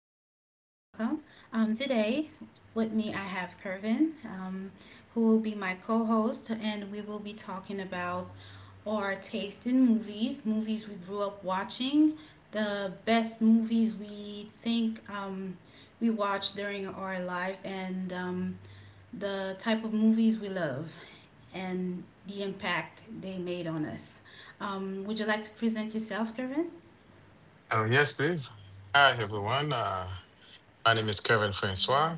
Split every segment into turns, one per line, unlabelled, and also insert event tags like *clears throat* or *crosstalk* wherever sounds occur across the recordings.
welcome. Today, with me, I have Pervin, who will be my co host, and we will be talking about our taste in movies, movies we grew up watching, the best movies we think we watched during our lives, and the type of movies we love and the impact they made on us. Would you like to present yourself, Pervin?
Oh, yes, please. Hi, everyone. My name is Kevin Francois.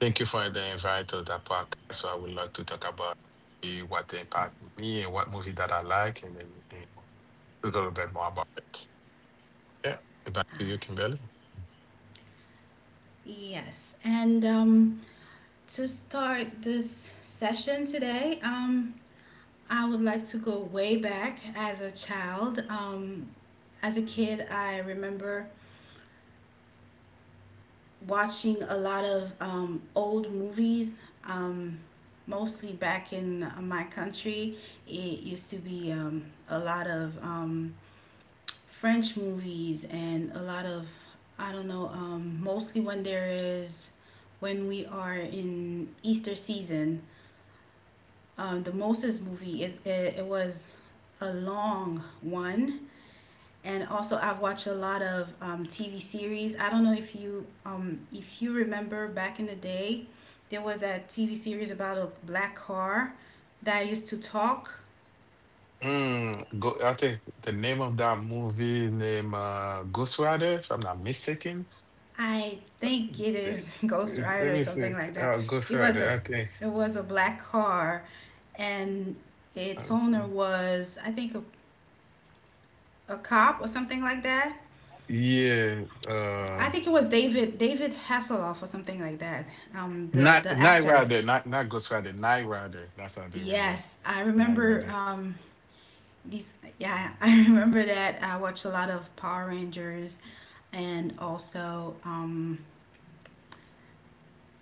Thank you for the invite to the podcast. So I would like to talk about what impact me and what movie that I like and then a little bit more about it. Yeah, back to you, Kimberly.
Yes, and to start this session today, I would like to go way back as a child. As a kid, I remember watching a lot of old movies, um, mostly back in my country. It used to be a lot of French movies and a lot of I don't know mostly when there is when we are in Easter season, the Moses movie, it was a long one. And also I've watched a lot of TV series. I don't know if you remember back in the day, there was that TV series about a black car that used to talk.
Mm, go, I think the name of that movie name Ghost Rider, if I'm not mistaken.
I think it
Eh,
is *laughs* Ghost
Let me
Rider or
see.
something like that.
Ghost
It
Rider,
was
I
a
think.
it was a black car, and
Let me
its
see.
owner was I think a cop or something like that.
Yeah. Uh,
I think it was David Hasselhoff or something like that. Um, the
Night
the
Night
actor.
Rider, not Ghost Rider, Night Rider. That's how I do remember.
Yes, I
Night
remember
Rider.
these, yeah, *laughs* I remember that I watched a lot of Power Rangers and also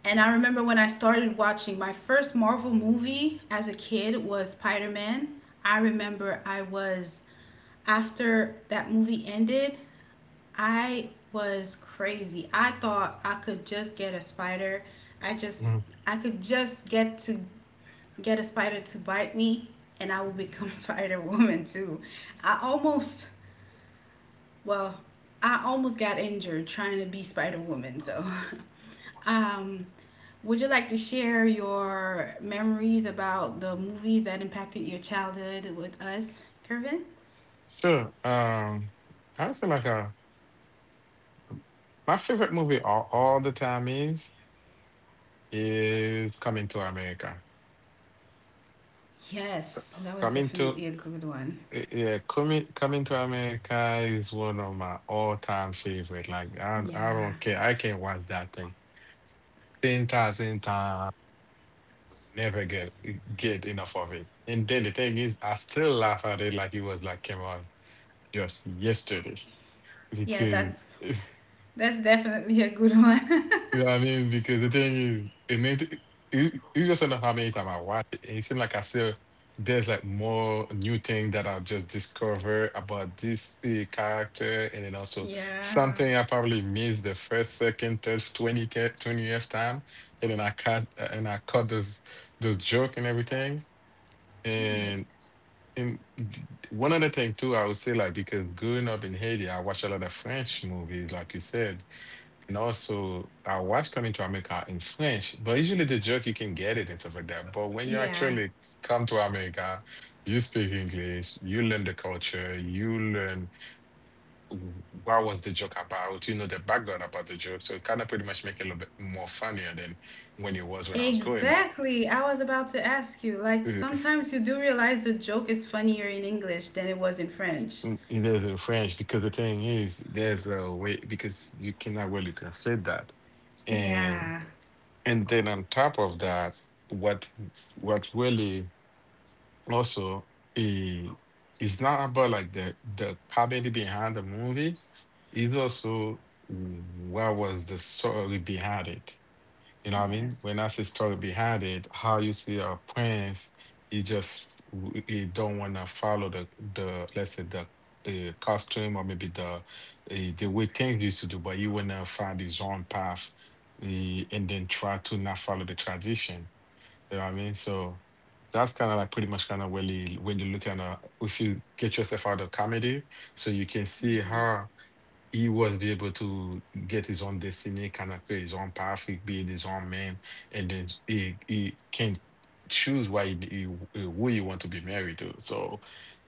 and I remember when I started watching my first Marvel movie as a kid was Spider Man. I remember I was, after that movie ended, I was crazy. I thought I could just get a spider. I just,
Mhm.
I could just get a spider to bite me and I will become *laughs* Spider Woman too. I almost, well, I almost got injured trying to be Spider Woman. So, *laughs* um, would you like to share your memories about the movies that impacted your childhood with us, Kervin?
Sure. I would say like a my favorite movie all the time is Coming to America.
Yes, that was
Coming to
definitely a good one.
yeah, coming to America is one of my all time favorite. Like I
Yeah,
don't care. I can watch that thing 10,000 times, never get enough of it. And then the thing is I still laugh at it like it was like came on just yesterday,
yeah,
because *laughs* you
that's definitely a good one.
know what I mean. Because the thing is, it made it, you just don't know how many times I watch it. And it seems like I still there's like more new thing that I just discover about this character, and then
*laughs*
also
Yeah,
something I probably missed the first, second, third, 20, 20th time, and then I cut and I cut those joke and everything,
yeah,
and. And one other thing too, I would say like because growing up in Haiti, I watch a lot of French movies, like you said. And also, I was coming to America in French, but usually the joke you can get it and stuff like that. But when you
yeah.
actually come to America, you speak English, you learn the culture, you learn what was the joke about, you know the background about the joke. So it kind of pretty much make it a little bit more funnier than when it was when I was growing up.
Exactly. I was about to ask you. Like
Uh,
sometimes you do realize the joke is funnier in English than it was in French.
mm, it is in French because the thing is, there's a way because you cannot really translate that. And
Yeah.
and then on top of that, what what really also, it it's not about like the comedy behind the movie. It's also what was the story behind it. You know what I mean?
Yes.
When I say story behind it, how you see a prince, he just he don't want to follow the, let's say, the costume, or maybe the the way things used to do, but he want to find his own path, and then try to not follow the tradition, you know what I mean? So that's kind of like pretty much kind of when you look at if you get yourself out of comedy, so you can see
Yeah.
her he was be able to get his own destiny, kind of create his own path, he being his own man, and then he can choose why he who he want to be married to. So,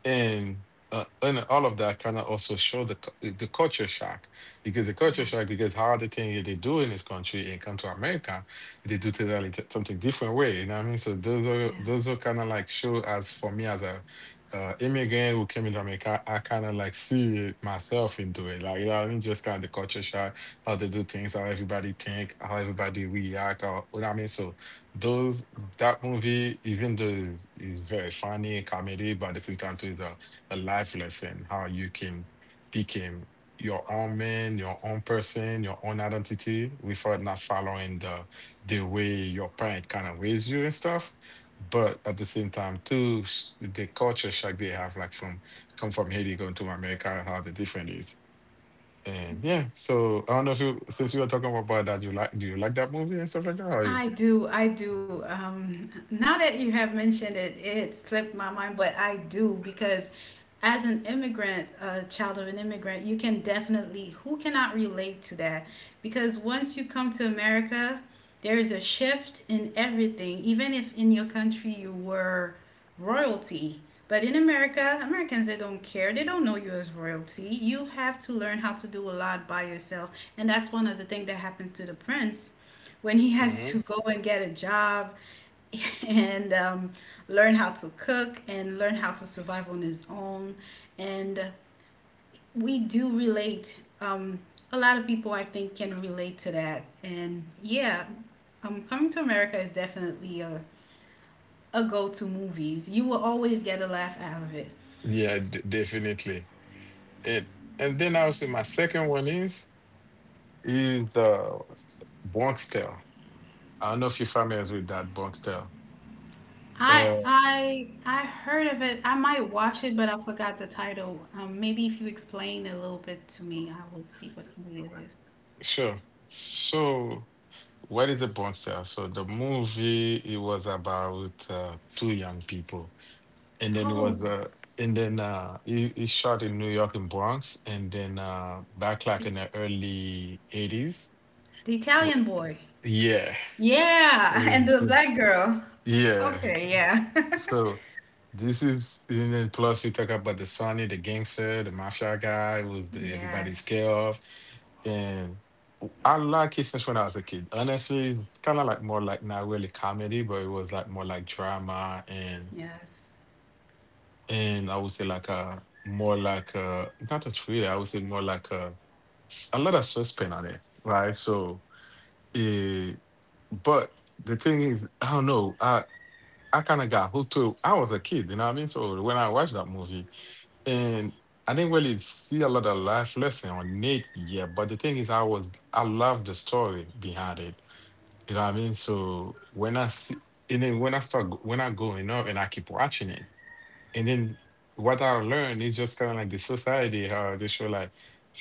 and and all of that kind of also show the the culture shock because the culture
Yeah.
shock because how the thing they do in this country and come to America, they do totally something different way. You know what I mean? So those are
Yeah.
those are kind of like show as for me as a immigrant who came in America, I kind of like see it myself into it. Like, you know what I mean, just kind of the culture shock, how they do things, how everybody think, how everybody react, or what I mean. So those that movie, even though is very funny and comedy, but at the same time too, is a life lesson how you can become your own man, your own person, your own identity without not following the way your parent kind of raised you and stuff, but at the same time, too, the culture shock they have, like from come from Haiti going to America, how the different is. And yeah, so I don't know if you, since we were talking about that, you like, do you like that movie and stuff like that? Or you?
I do. Now that you have mentioned it, it slipped my mind, but I do because as an immigrant, a child of an immigrant, you can definitely, who cannot relate to that? Because once you come to America, there is a shift in everything, even if in your country you were royalty. But in America, Americans, they don't care. They don't know you as royalty. You have to learn how to do a lot by yourself. And that's one of the things that happens to the prince when he has
Hmm.
to go and get a job *laughs* and learn how to cook and learn how to survive on his own. And we do relate. A lot of people, I think, can relate to that. And yeah, Coming to America is definitely a go to movies. You will always get a laugh out of it.
Yeah, d definitely. It, and then I would say my second one is the Bronx Tale. I don't know if you're familiar with that Bronx Tale.
I
Uh,
I I heard of it. I might watch it, but I forgot the title. Maybe if you explain a little bit to me, I will see what movie it is.
sure. So what is the Bronx Tale? So the movie it was about two young people, and then it
Oh,
was and then he shot in New York and Bronx, and then back like
The,
in the early 80s.
the
W-
Italian boy.
yeah. *laughs*
Yeah, *laughs* and
It's,
the black girl.
yeah,
Okay, yeah.
so this is, and then plus you talk about the Sonny, the gangster, the mafia guy who was the everybody's
*laughs* Yes,
scare of. And I like it since when I was a kid, honestly it's kind of like more like not really comedy, but it was like more like drama.
yes,
And I would say like a more like a not a thriller. I would say more like a lot of suspense on it, right? So, eh, but the thing is, I don't know. I kind of got hooked to it. I was a kid, you know what I mean. So when I watched that movie, and I didn't really see a lot of life lesson on it yet. But the thing is, I was I love the story behind it. You know what I mean. So when I see. And then when I start, when I growing up and I keep watching it, and then what I learned is just kind of like the society, how they show like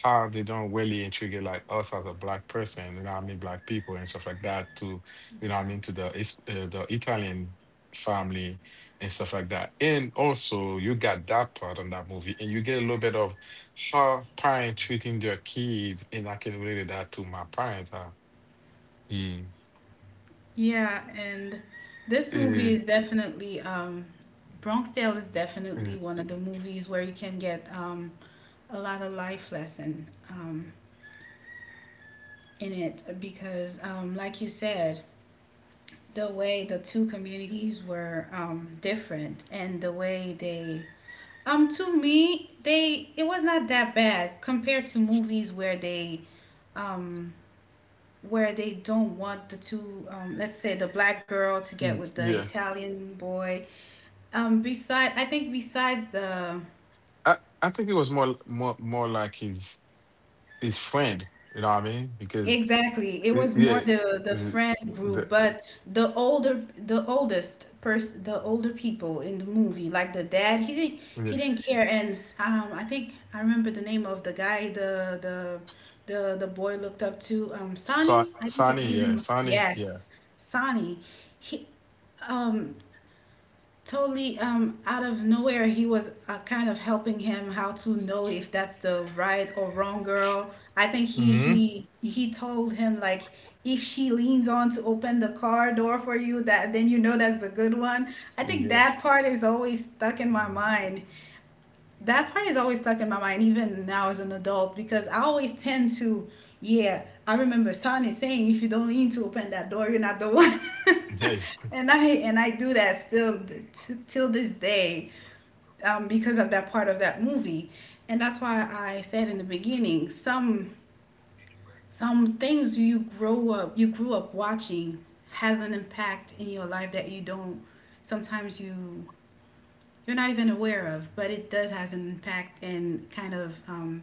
how they don't really intrigued like us as a black person, you know what I mean, black people and stuff like that to, you know what I
yeah,
mean, to the the Italian family and stuff like that. And also you got that part on that movie and you get a little bit of how parents treating their kids, and I can relate that to my parents. Huh? Mm.
yeah. And this movie
Eh,
is definitely Bronx Tale is definitely
mm,
one of the movies where you can get a lot of life lesson in it because, like you said, the way the two communities were different and the way they, to me, they it was not that bad compared to movies um, where they don't want the two, let's say the black girl to
mm,
get with the
yeah.
Italian boy. Beside, I think besides the,
I think it was more like his friend. You know what I mean? Because
exactly. It
it,
was more
yeah,
the friend
the,
group, but the older, the oldest person, the older people in the movie, like the dad,
yeah.
he didn't care. And I think I remember the name of the guy, the the boy looked up to, um,
So
Sonny. I think
Sonny,
his
yeah,
name.
Sonny,
Yes,
yeah.
Sonny. He, um totally, out of nowhere, he was kind of helping him how to know if that's the right or wrong girl. I think he
Hmm.
he he told him like, if she leans on to open the car door for you, that then you know that's the good one. I think
Yeah.
that part is always stuck in my
Mhm.
mind. That part is always stuck in my mind even now as an adult, because I always tend to, yeah, I remember Sonny saying, if you don't lean to open that door, you're not the one.
Yeah.
*laughs* And I do that still till this day, because of that part of that movie. And that's why I said in the beginning, some things you grow up, you grew up watching has an impact in your life that you don't, sometimes you, you're not even aware of, but it does has an impact and kind of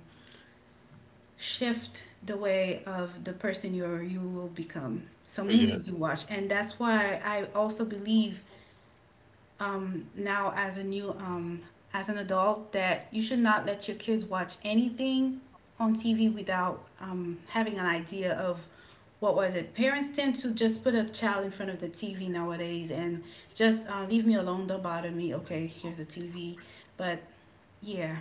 shift the way of the person you're, you will become.
*laughs*
Some
Yeah.
movies you watch, and that's why I also believe now as a new as an adult that you should not let your kids watch anything on TV without having an idea of what was it. Parents tend to just put a child in front of the TV nowadays and just leave me alone, don't bother me. Okay, here's the TV. But yeah,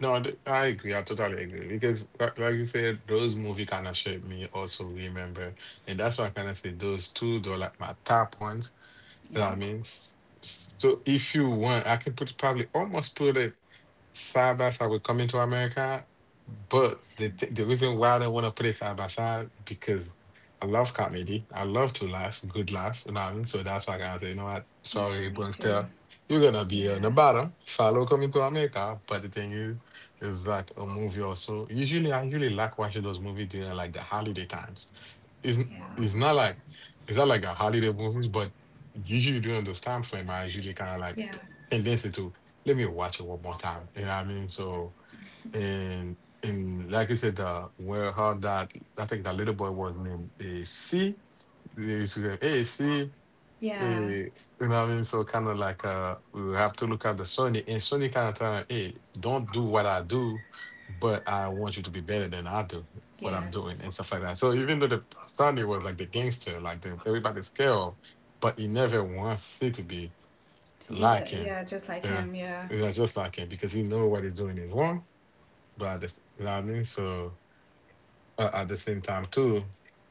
No, I agree. I totally agree because, like you said, those movie kind of shaped me. Also, remember, and that's why I kind of say those two. They're like my top ones. You know
yeah,
what I mean? So if you want, I can put probably almost put it side by side with Coming to America, but the the reason why I don't want to put it side by side because I love comedy. I love to laugh, good laugh, you know what I mean? So that's why I gotta say, you know what,
yeah,
sorry,
me too.
Bronxtel, you're gonna be on
Yeah,
the bottom. Follow Coming to America. But the thing is that a movie also usually I usually like watching those movies during like the holiday times. It's
yeah,
it's not like it's not like a holiday movies, but usually during this time frame, I usually kind of like
yeah,
tendency to let me watch it one more time. You know what I mean? So and and like I said, where how that I think that little boy was named AC. They used to go, hey, C. Eh,
yeah,
you know what I mean? So kind of like we will have to look at the Sony, and Sony kind of tell, hey, don't do what I do, but I want you to be better than I do what I'm
yes.
doing and stuff like that. So even though the Sony was like the gangster, like the, everybody's scared of, but he never wants it to be
To be the,
like him.
yeah, just like
Yeah.
him. Yeah,
It's not just like him because he know what he's doing is wrong. But I just, you know what I mean? So at the same time too.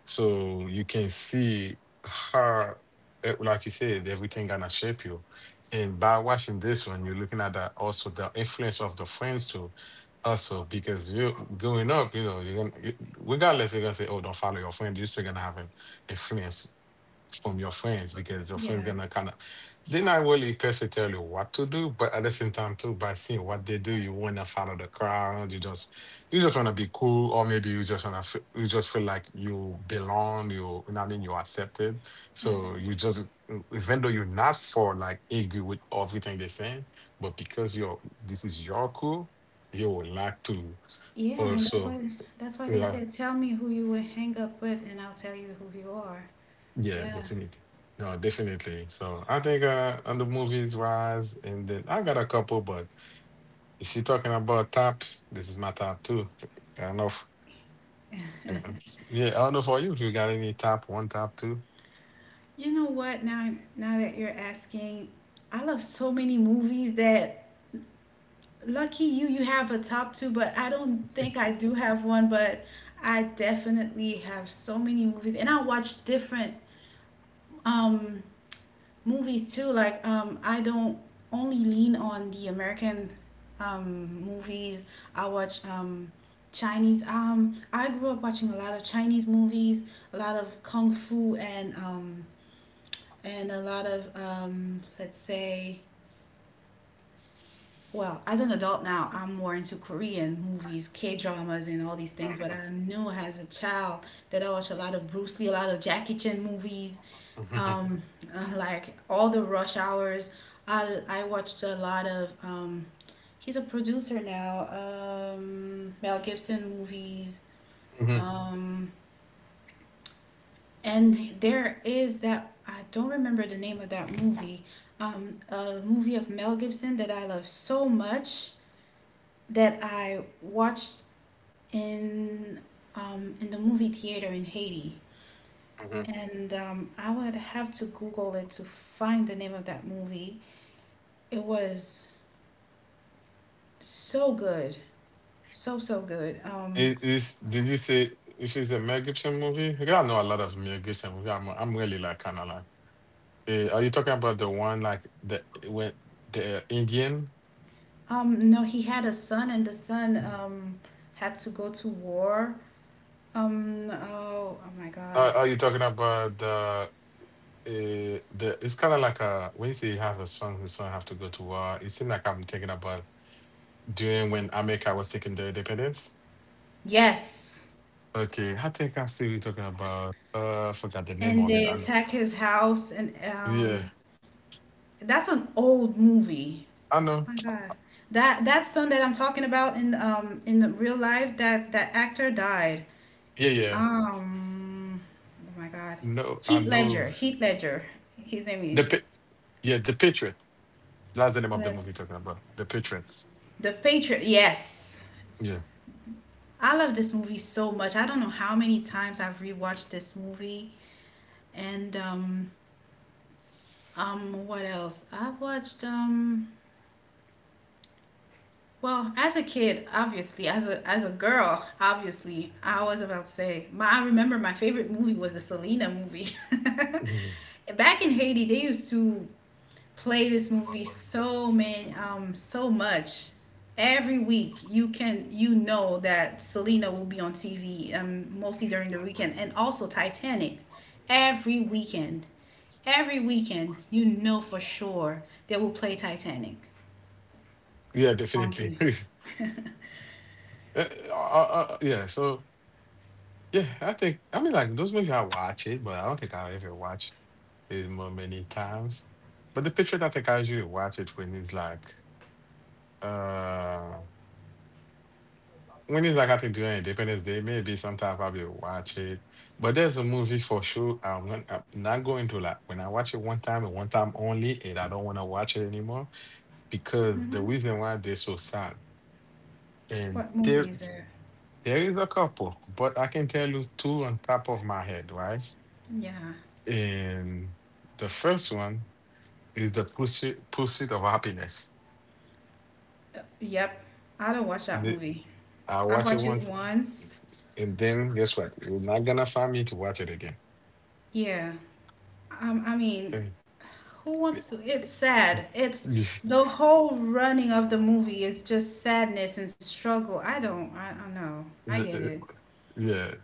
So you can see her, like you said, everything gonna shape you. And by watching this one, you're looking at that also the influence of the friends too. Also, because you growing up, you know, you're gonna regardless, you're gonna say, "Oh, don't follow your friend." You're still gonna have an influence from your friends because your friends
yeah,
gonna kind of they're not really personally tell you what to do, but at the same time too, by seeing what they do, you wanna follow the crowd. You just wanna be cool, or maybe you just wanna you just feel like you belong. You know what I mean? You're accepted.
and
So you just even though you're not for like agree with everything they're saying, but because you're this is your cool, you would like to
yeah, and that's
also.
why, that's why they
Yeah.
said, tell me who you would hang up with, and I'll tell you who you are.
Yeah,
Yeah,
definitely. No, definitely. So I think on the movies wise, and then I got a couple, but if you're talking about tops, this is my top two. I don't know if, uh, yeah, I don't know for you if you got any top one, top 2.
you know what? Now that you're asking, I love so many movies that, lucky you, you have a top two, but I don't think I do have one, but. I definitely have so many movies, and I watch different um, movies too. Like I don't only lean on the American, movies. I watch Chinese. I grew up watching a lot of Chinese movies, a lot of kung fu and a lot of, let's say, well, as an adult now, I'm more into Korean movies, K dramas, and all these things. But I knew as a child that I watched a lot of Bruce Lee, a lot of Jackie Chan movies,
Mm-hmm.
um, like all the Rush Hours. I watched a lot of, he's a producer now, Mel Gibson movies.
Hmm.
Um, and there is that, I don't remember the name of that movie, a movie of Mel Gibson that I love so much that I watched in in the movie theater in Haiti,
Hmm.
and I would have to Google it to find the name of that movie. It was so good, so good.
Is did you say if it's a Mel Gibson movie? Because I know a lot of Mel Gibson movie. I'm really like kind of like, are you talking about the one like the when the Indian?
No, he had a son, and the son, had to go to war. Oh my God,
Are you talking about the? The it's kind of like a when you say you have a son, his son have to go to war. It seems like I'm thinking about doing when America was taking the independence.
yes,
Okay, I think I see what you're talking about. I forgot the name
and
of it.
they
And
attack his house, and
yeah,
that's an old movie.
I know.
My god, that, that son that I'm talking about, in the real life, that, that actor died,
Yeah, yeah.
um oh my god,
No, I know
Heath Ledger his name
the
is.
pa- yeah the Patriot. That's the name of the movie you're
That's
talking about. The Patriot.
the Patriot, yes.
Yeah.
I love this movie so much. I don't know how many times I've rewatched this movie. And What else I've watched, well, as a kid, obviously, as a girl, obviously, I was about to say, my, I remember my favorite movie was the Selena movie.
Yeah.
*laughs* Back in Haiti, they used to play this movie so many, so much. Every week, you can, you know that Selena will be on TV, mostly during the weekend, and also Titanic every weekend. Every weekend, you know for sure they will play Titanic
Yeah,
on
definitely.
TV.
*laughs* Uh, uh, yeah, so yeah, I think I mean like those movies I watch it, but I don't think I'll ever watch it more many times. But the picture that I catch you watch it uh when it's like I think during Independence Day, maybe sometime I'll probably watch it. But there's a movie for sure I'm gonna, I'm not going to like, when I watch it one time and one time only, and I don't want to watch it anymore because the
*laughs*
reason why they're so sad. And
What
there
movie is there?
there is a couple, but I can tell you two on top of my head, right?
Yeah.
And the first one is the pursuit of happiness.
Yep. I don't watch that
The,
movie.
I
I've
watch it
watched it
once,
once.
and then guess what? You're not gonna find me to watch it again.
Yeah. I mean, who wants to? It's sad. It's
Eh. *laughs*
The whole running of the movie is just sadness and struggle. I don't. I know. I get it.
Yeah,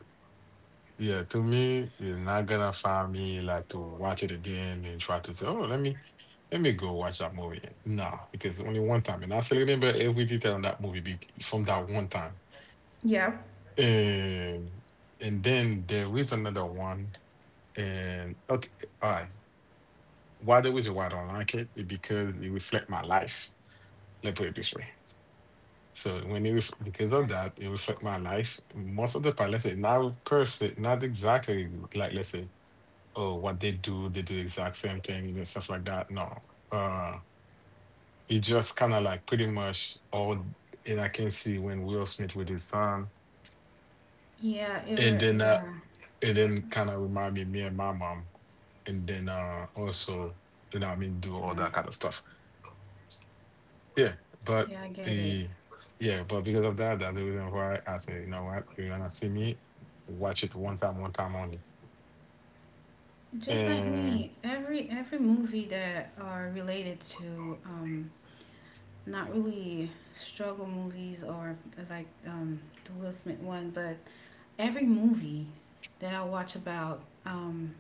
yeah. To me, you're not gonna find me like to watch it again and try to say, "Oh, let me go watch that movie." No, because only one time, and I still remember every detail on that movie from that one time.
Yep.
And and then there is another one. And okay, all right. Why the reason why I don't like it is because it reflects my life. Let me put it this way. So when because of that, it reflect my life. Most of the part, let's say, not person, not exactly like, let's say, oh, what they do the exact same thing and stuff like that. No, uh, it just kind of like pretty much all. And I can see when Will Smith with his son,
Yeah. It.
and
Were.
then uh,
Yeah.
and then kind of remind me, me and my mom, and then also, you know, what I mean, do all
Yeah.
that kind of stuff. Yeah, but
Yeah. I get it.
the yeah, but because of that, that's the reason why I say, you know what, you're gonna see me watch it one time only.
Just like
And
me, every movie that are related to not really struggle movies or like, the Will Smith one, but every movie that I watch about,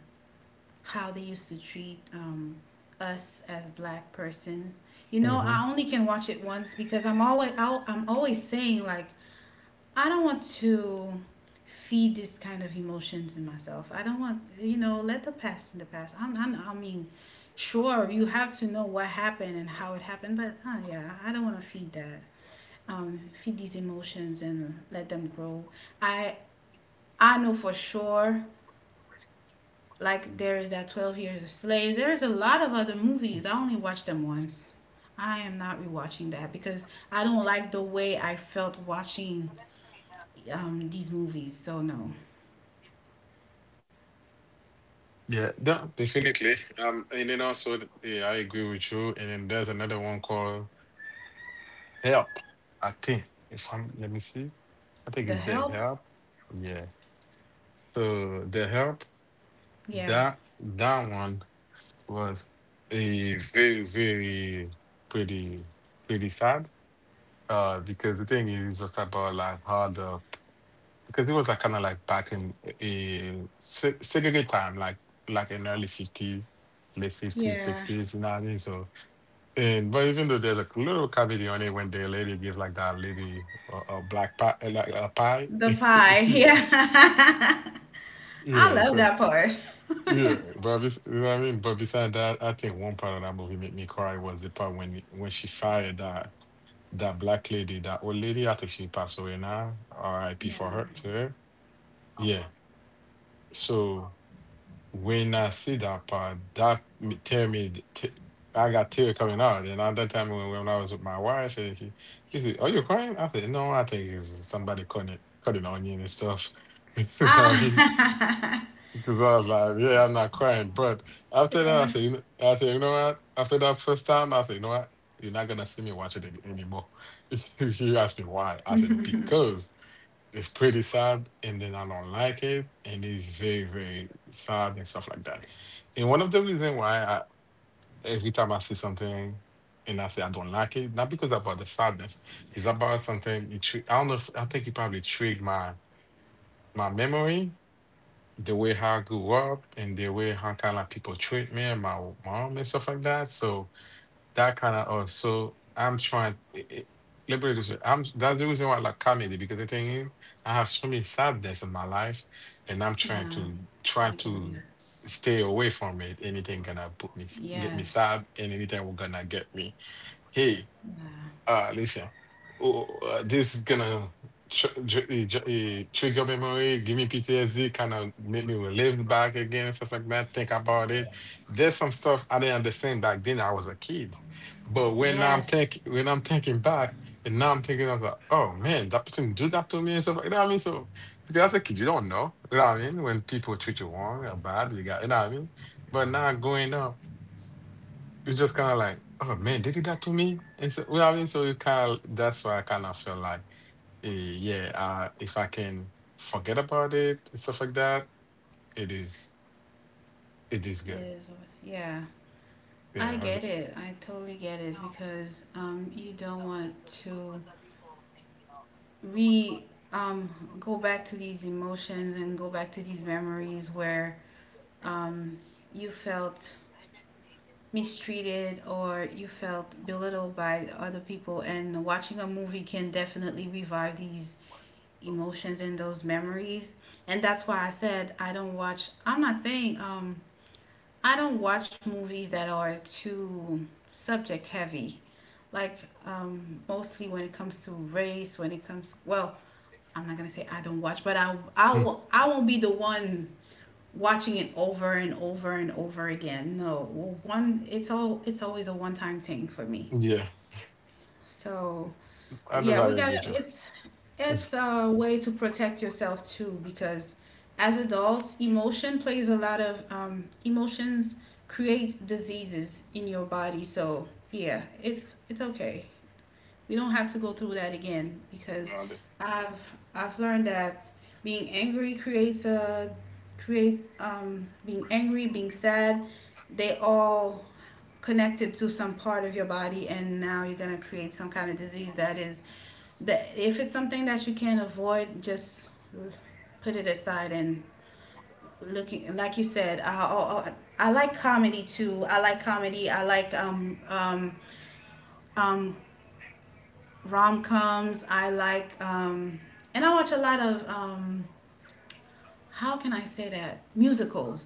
how they used to treat, us as black persons. You know, I
hmm.
only can watch it once because I'm always saying like, I don't want to feed this kind of emotions in myself. I don't want let the past in the past. I mean, sure you have to know what happened and how it happened, but yeah, I don't want to feed these emotions and let them grow. I I know for sure, like there is that 12 Years a Slave. There's a lot of other movies. I only watched them once. I am not rewatching that because I don't like the way I felt watching these movies. So no,
Yeah, definitely. And then also, yeah, I agree with you. And then there's another one called Help. I think if I'm, let me see, I
The
think it's the
Help.
Help. Yeah. So the Help,
Yeah,
that that one was a very very pretty pretty sad. Because the thing is it's just about like how the because it was like kind of like back in a segregated time, like in early 50s, late 50s,
yeah,
60s. You know what I mean? So, and but even though there's a little comedy on it when the lady gives like that lady a black pie, like a pie.
The
*laughs*
Pie. *laughs* Yeah, I
Yeah.
love
So
that part.
yeah,
*laughs*
but you know what I mean. But beside that, I think one part of that movie made me cry was the part when she fired that. That black lady, that old lady, I think she passed away now. R.I.P.
Yeah.
for her to her. Yeah. So when I see that part, that me tell me th- t- I got tear coming out. And at that time when I was with my wife, and she said, "Are you crying?" I said, "No, I think it's somebody cutting onion and stuff." *laughs* You know what I mean?
Ah.
Because I was like, yeah, I'm not crying. But
*laughs*
after
Yeah.
that, I said, you know, I said, you know what? After that first time, I said, you know what? You're not gonna see me watch it anymore. *laughs* If you ask me why, I said because it's pretty sad, and then I don't like it, and it's very, very sad and stuff like that. And one of the reasons why I, every time I see something and I say I don't like it, not because about the sadness, it's about something. I don't know. If, I think it probably triggered my my memory the way how I grew up and the way how kind of people treat me and my mom and stuff like that. So that kind of also I'm trying. Let me put it this way. I'm that's the reason why I like comedy because the thing is I have so many sadness in my life, and I'm trying
Yeah,
to try
I get it.
to stay away from it. Anything gonna put me get me
Yes.
sad, and anything will gonna get me. Hey.
Yeah.
Ah, listen, oh, this is gonna trigger memory, give me PTSD, kind of make me relive back again, stuff like that. Think about it. There's some stuff I didn't understand back then. I was a kid, but
Yes.
when I'm thinking back, and now I'm thinking of like, oh man, that person do that to me and stuff You know what I mean? So because as a kid, you don't know. You know what I mean? When people treat you wrong or bad, you got you know what I mean. But now going up. It's just kind of like, oh man, they did that to me. And so, well, I mean? So you kind of, that's why I kind of feel like, eh, yeah, if I can forget about it and stuff like that, it is, it is
It
good.
is. Yeah. I
Yeah. I was.
get it. I totally get it because you don't want to re um go back to these emotions and go back to these memories where um you felt mistreated or you felt belittled by other people, and watching a movie can definitely revive these emotions and those memories. And that's why I said I'm not saying I don't watch movies that are too subject heavy. Like mostly when it comes to race, when it comes, well, I'm not gonna say I don't watch, but I I
Hmm.
wo- I won't be the one watching it over and over and over again. No, one it's all it's always a one time thing for me.
Yeah.
So
I do
yeah, we
not
gotta
agree with you.
it's
*laughs*
a way to protect yourself too, because as adults, emotion plays a lot of emotions create diseases in your body, so yeah, it's okay, we don't have to go through that again because
No, I do-.
I've I've learned that being angry creates a create being angry, being sad, they all connected to some part of your body, and now you're gonna create some kind of disease that, if it's something that you can't avoid, just put it aside and looking. Like you said, I like comedy too. I like comedy, I like um rom coms. I like, and I watch a lot of, how can I say that? Musicals.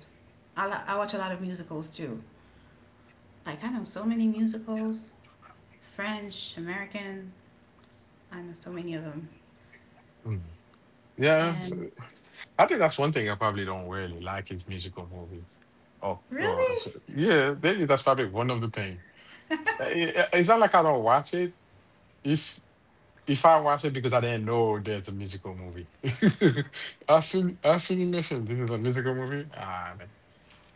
I watch a lot of musicals too. Like, I know so many musicals, French, American. I know so many of them.
Hmm. Yeah. So
And
I think that's one thing I probably don't really like is musical movies. Oh, oh
really?
so- yeah. Maybe that's probably one of the things. It's not like I don't watch it. If. If I watch it because I didn't know there's a musical movie. *laughs* As soon as soon you mentioned this is a musical movie, ah man.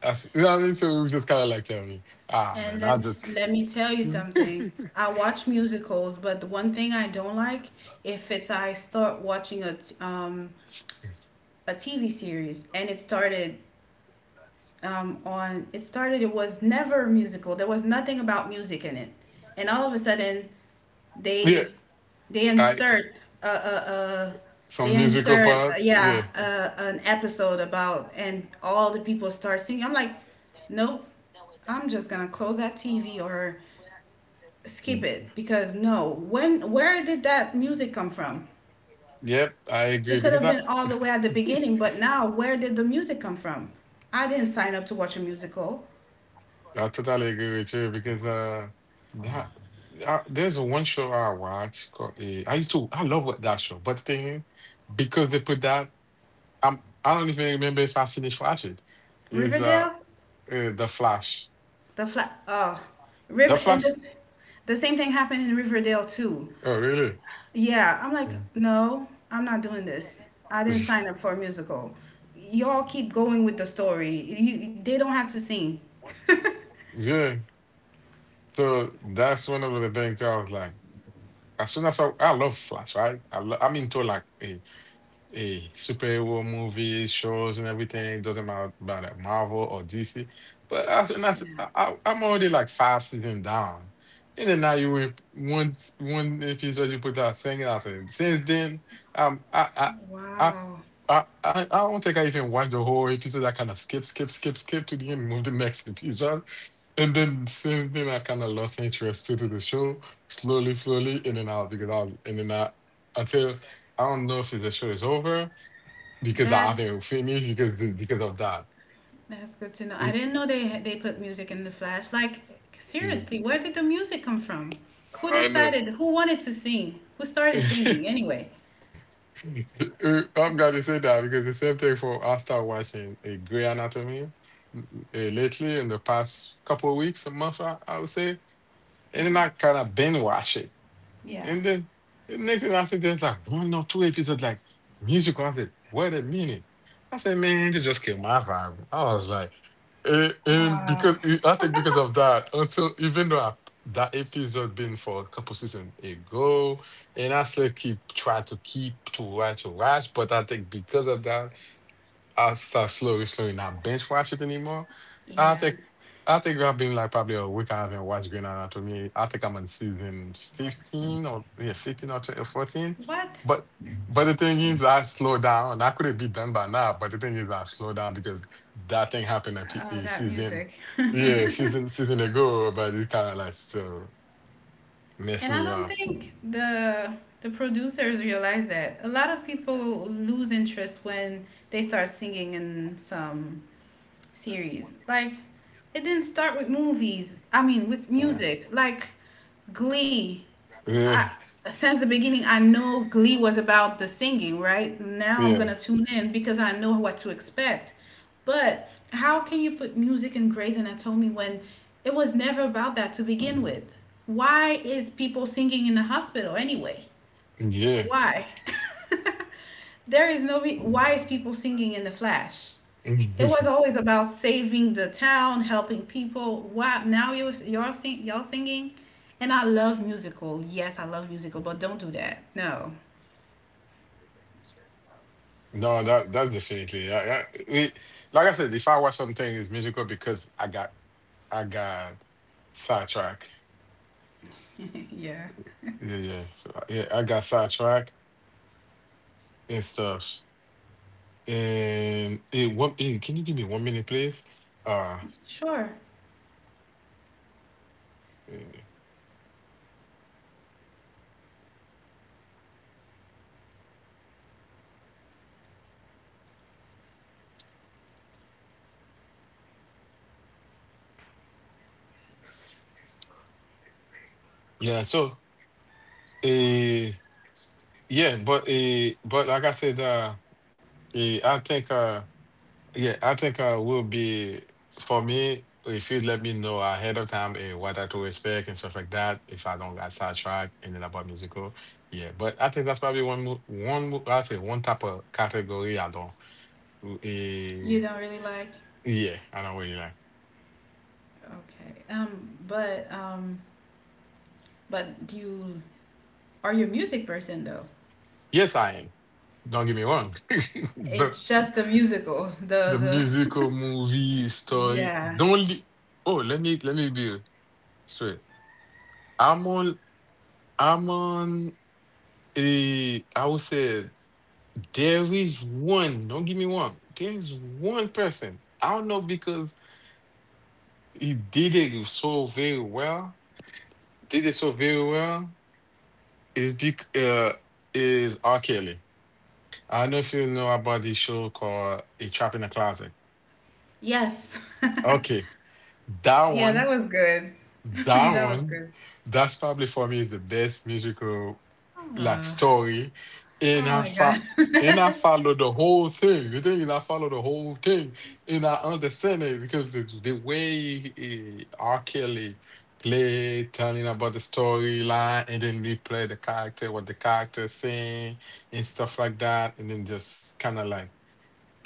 As, you know what I mean? So we just kind of like tell me, ah
And
man,
let,
I just.
let me tell
*laughs*
you something. I watch musicals, but the one thing I don't like, if it's I start watching a TV series, and it started, it was never musical, there was nothing about music in it, and all of a sudden
Yeah,
they they
I
insert uh, uh, uh
some
they
musical
insert
part,
yeah,
yeah.
an episode about, and all the people start singing. I'm like, nope, I'm just gonna close that TV or skip it, because no, when where did that music come from?
Yep, I
It
agree
could
because
have
I.
been all the way at the
*laughs*
beginning, but now where did the music come from? I didn't sign up to watch a musical.
I totally agree with you because that there's one show I watch called I used to I love what that show, but the thing is, because they put that I'm I don't even remember if I finished watching it. Is
Riverdale,
the Flash?
the flat. Oh,
The
River and
Flash?
this, the same thing happened in Riverdale too.
Oh really?
Yeah, I'm like,
Mm.
no, I'm not doing this. I didn't sign
*laughs*
up for a musical. Y'all keep going with the story. They don't have to sing. *laughs*
Yeah. So that's one of the things I was like. As soon as I love Flash, right? I'm into like eh, hey, superhero movies, shows, and everything doesn't matter about that Marvel or DC. But I, and
Yeah.
I'm already like 5 seasons down, and then now you went one episode you put out singing. I said since then, um, I I
Wow.
I I don't think I even watched the whole episode. I kind of skip, skip, skip, skip to the end, move the next episode. And then since then, I kind of lost interest too to the show, slowly, slowly, in and out, because I was in and out until I don't know if the show is over because I
That's
haven't finished because of that.
that's good to know. I
It-.
didn't know they put music in the Flash. Like,
Yeah.
seriously, where did the music come from? Who
I know.
decided? Who wanted to sing? Who started singing anyway?
*laughs* I'm glad you said that because the same thing for I started watching a Grey Anatomy lately in the past couple of weeks, a month, I would say, and
Yeah.
then I kind of binge watch it.
Yeah.
And then the next thing I said, there's like one or two episodes, like musical. I said, wait a minute. I said, man, they just killed my vibe. I was like, and
Wow.
because I think because of that, until even though I, that episode been for a couple seasons ago, and I still keep try to keep to watch, but I think because of that. I start slowly, slowly not binge watch it anymore. I
Yeah.
think I think I've been like probably a week I haven't watched Grey's Anatomy. I think I'm on season 15 or yeah, 15 or 14.
What?
But but the thing is, I slow down. I could have be done by now, but the thing is, I slow down because that thing happened
Oh,
a
that
season,
music.
yeah,
*laughs*
season ago. But it kind of like still messed
And I
me
don't
up.
think the producers realize that. A lot of people lose interest when they start singing in some series. Like, it didn't start with movies. I mean, with
Uh,
music. Like Glee.
yeah,
I, since the beginning, I know Glee was about the singing, right? Now I'm
yeah,
gonna tune in because I know what to expect. But how can you put music in Grey's Anatomy when it was never about that to begin with? Why is people singing in the hospital anyway? Why? *laughs* there is no re- Why is people singing in the Flash? It was
yeah. *laughs*
always about saving the town, helping people. Wow, now you are you're sing, y'all singing, and I love musical. Yes, I love musical, but don't do that. No.
No, that's definitely. Like I said, if I watch something, it's musical because I got sidetracked.
*laughs* Yeah.
Yeah, yeah. So yeah, I got sidetracked and stuff. And one, can you give me 1 minute, please? Uh,
Sure.
eh, yeah. So, uh, yeah, but like I said, I think. Yeah, I think will be for me if you let me know ahead of time what I to expect and stuff like that. If I don't get sidetracked and then about musical, yeah. But I think that's probably one mo I say one type of category I don't.
You
eh,
don't really like.
yeah, I don't really like.
Okay. But do you are you a music person though?
Yes, I am. Don't get me wrong. *laughs*
It's just the musicals. The
The musical
the.
movie
*laughs*
story.
Yeah.
Don't. Li oh, let me be straight. I'm on. I'm on. A, I would say. There is one, don't give me one. There is one person. I don't know because he did it so very well. Did it so very well. Is bec uh is R. Kelly. I don't know if you know about this show called A Trap in a Closet.
Yes. *laughs*
Okay. That
Yeah,
one.
that was good. *laughs*
That
That was
one,
good.
that's probably for me the best musical like
Ah.
story. And
Oh
I
my God.
fa- and I follow the whole thing. The thing is, I follow the whole thing, and I understand it because the way R. Kelly played, telling about the storyline, and then replay the character, what the character saying, and stuff like that, and then just kind of like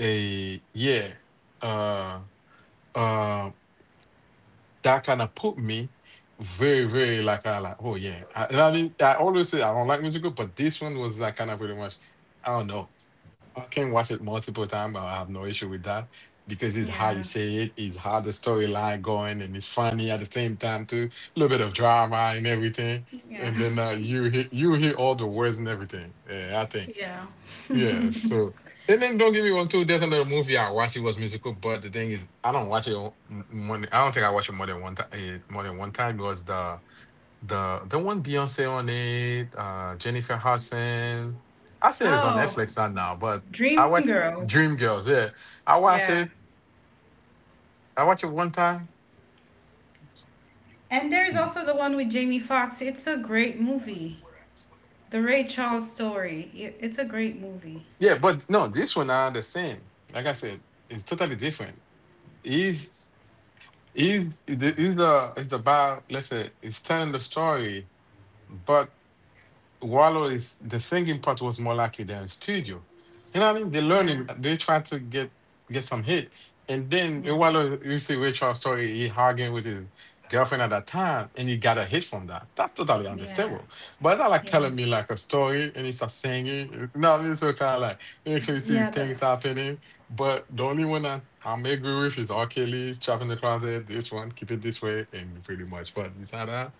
a yeah, uh, um that kind of put me very, very like I like, oh yeah. And I mean, I always say I don't like musical, but this one was like kind of pretty much, I don't know. I can watch it multiple times. I have no issue with that because
*laughs*
it's how
Yeah.
you say it, it's how the storyline going, and it's funny at the same time too. A little bit of drama and everything,
Yeah.
and then you you hear all the words and everything. Yeah, I think.
Yeah. *laughs*
Yeah, so and then don't get me wrong too. There's another movie I watched. It was musical, but the thing is, I don't watch it. I don't think I watch it more than one time. More than one time. It was the one Beyonce on it, Jennifer Hudson. I said it's on
Oh,
Netflix not now, but I watch
Dreamgirls.
Dreamgirls. Yeah, I
Yeah.
watch it. I watch it 1 time.
And there's also the one with Jamie Foxx. It's a great movie. The Ray Charles story. It's a great movie.
Yeah, but no, this one I understand. Like I said, it's totally different. He's he's the it's about let's say it's telling the story, but Wallow is the singing part was more likely than studio. You know what I mean? They are
Yeah.
learning, they try to get some hit, and then in
Yeah.
Wallow, you see Ray Charles story. He arguing with his girlfriend at that time, and he got a hit from that. That's totally
Yeah.
understandable. But it's not like
Yeah.
telling me like a story, and he starts singing. You know what I mean? So kind of like make sure you
Yeah,
see things happening. But the only one that I'm agree with is R. Kelly, Trap in the Closet. This one, keep it this way, and pretty much. But besides that,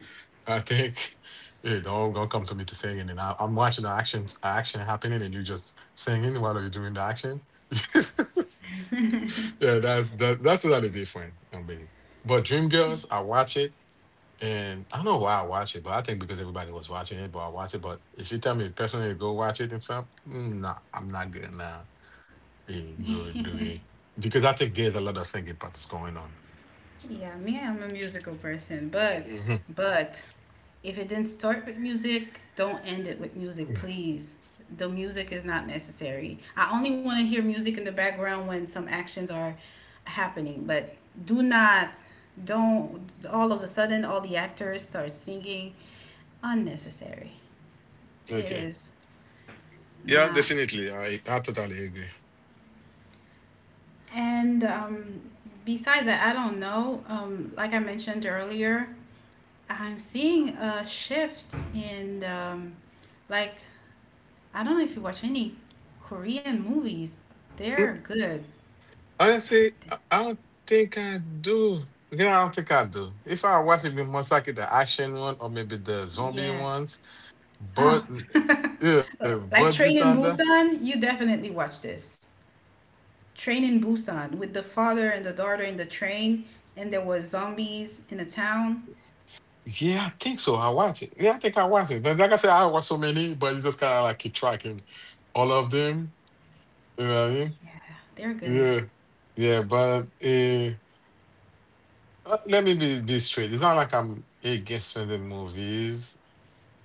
I think. Hey, don't come to me to singing, and I'm watching the action happening, and you just singing while you're doing the action. *laughs* yeah, that's totally different. I mean, but Dream Girls, I watch it, and I don't know why I watch it, but I think because everybody was watching it, but I watch it. But if you tell me personally, to go watch it and stuff, mm, nah, I'm not gonna go do it because I think there's a lot of singing parts going on.
yeah, I'm a musical person, but
Hmm
but if it didn't start with music, don't end it with music,
*laughs*
please. The music is not necessary. I only want to hear music in the background when some actions are happening, but do not don't all of a sudden all the actors start singing unnecessary. It
Okay,
is
yeah,
not.
definitely, I totally agree.
And besides that, I don't know. Like I mentioned earlier, I'm seeing a shift in, like, I don't know if you watch any Korean movies.
*clears throat*
They're good.
Honestly, I don't think I do. Yeah, I don't think I do. If I watch it, be most likely the action one or maybe the zombie
Yes.
ones. But
Oh. *laughs*
but
Like
besides
Train in
that,
Busan, you definitely watch this. Train in Busan with the father and the daughter in the train, and there was zombies in the town.
yeah, I think so. I watch it. Yeah, I think I watch it. But like I said, I watch so many, but you just kind of like keep tracking all of them. You know what I mean?
Yeah, they're good.
Yeah, yeah. Let me be straight. It's not like I'm against certain movies.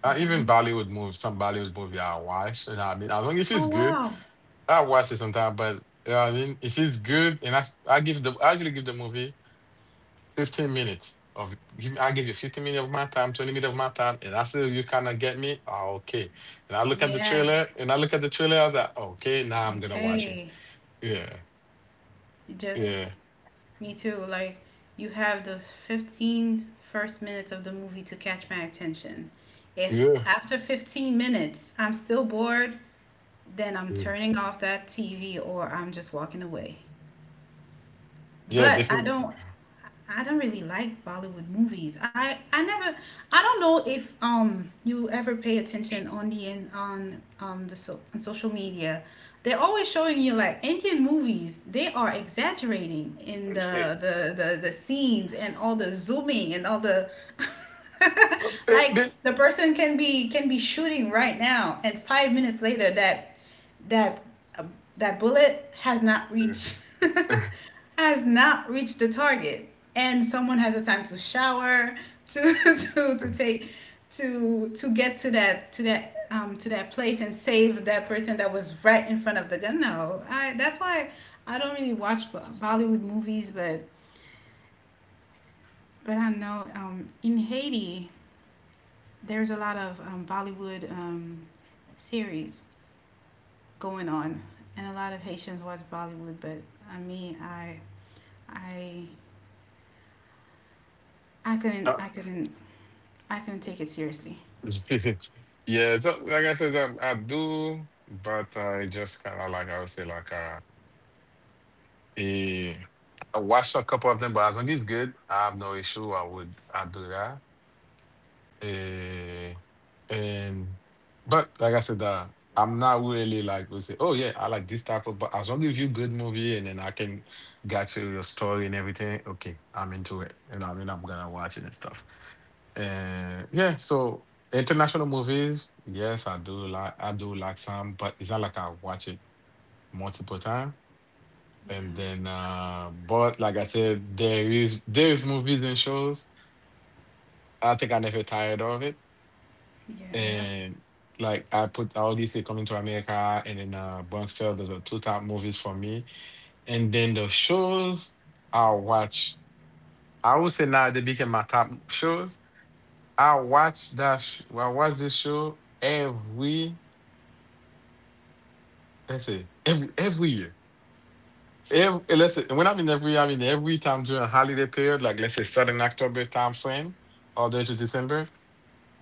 Even
Hmm.
Bollywood movies, some Bollywood movie I watch, and I mean, as long if it's
Oh,
good,
wow.
I watch it sometimes, but you know what I mean, if it's good, and I give the I usually give the movie 15 minutes of give I give you 15 minutes of my time, 20 minutes of my time, and I say you kind of get me, ah, okay. And I look at the trailer,
Yes.
and I look at the trailer, I was like, okay, now I'm gonna watch it.
Okay.
Yeah,
You just
yeah,
Me too. Like, you have the 15 first minutes of the movie to catch my attention. If
yeah,
after 15 minutes I'm still bored, then I'm
yeah,
turning off that TV or I'm just walking away.
yeah,
But I
definitely.
don't
*laughs*
I don't really like Bollywood movies. I never, I don't know if you ever pay attention on the in on the so, on social media. They're always showing you like Indian movies. They are exaggerating in
Okay.
the scenes and all the zooming and all the
Well,
*laughs* like
then-
the person can be shooting right now, and 5 minutes later that uh, that bullet has not
Yeah.
reached *laughs* has not reached the target, and someone has a time to shower to *laughs* to take to get to that place and save that person that was right in front of the gun. No, I that's why I don't really watch Bollywood movies, but I know, in Haiti there's a lot of Bollywood series going on, and a lot of Haitians watch Bollywood, but I mean, i i couldn't
Uh,
i couldn't I couldn't take it seriously.
*laughs* yeah, so like I said, I do, but I just kind of like I would say like. Eh, I watched a couple of them, but as long as it's good, I have no issue. I would I do that. Eh, and but like I said, I'm not really like would say, oh yeah, I like this type of. But as long as you good movie and then I can get you your story and everything, okay, I'm into it. You know, what I mean, I'm gonna watch it and stuff. And yeah, so international movies, yes, I do like some, but it's not like I watch it multiple times. And
Yeah,
then, but like I said, there is movies and shows. I think I never tired of it.
yeah, yeah.
And like I put all these say Coming to America and then Bronx Tale. Those are two top movies for me. And then the shows I watch. I would say now they became my top shows. I watch that. I watch this show every. Let's say every year. Ev let's say, when I mean every time during a holiday period, like let's say starting October time frame all the way to December,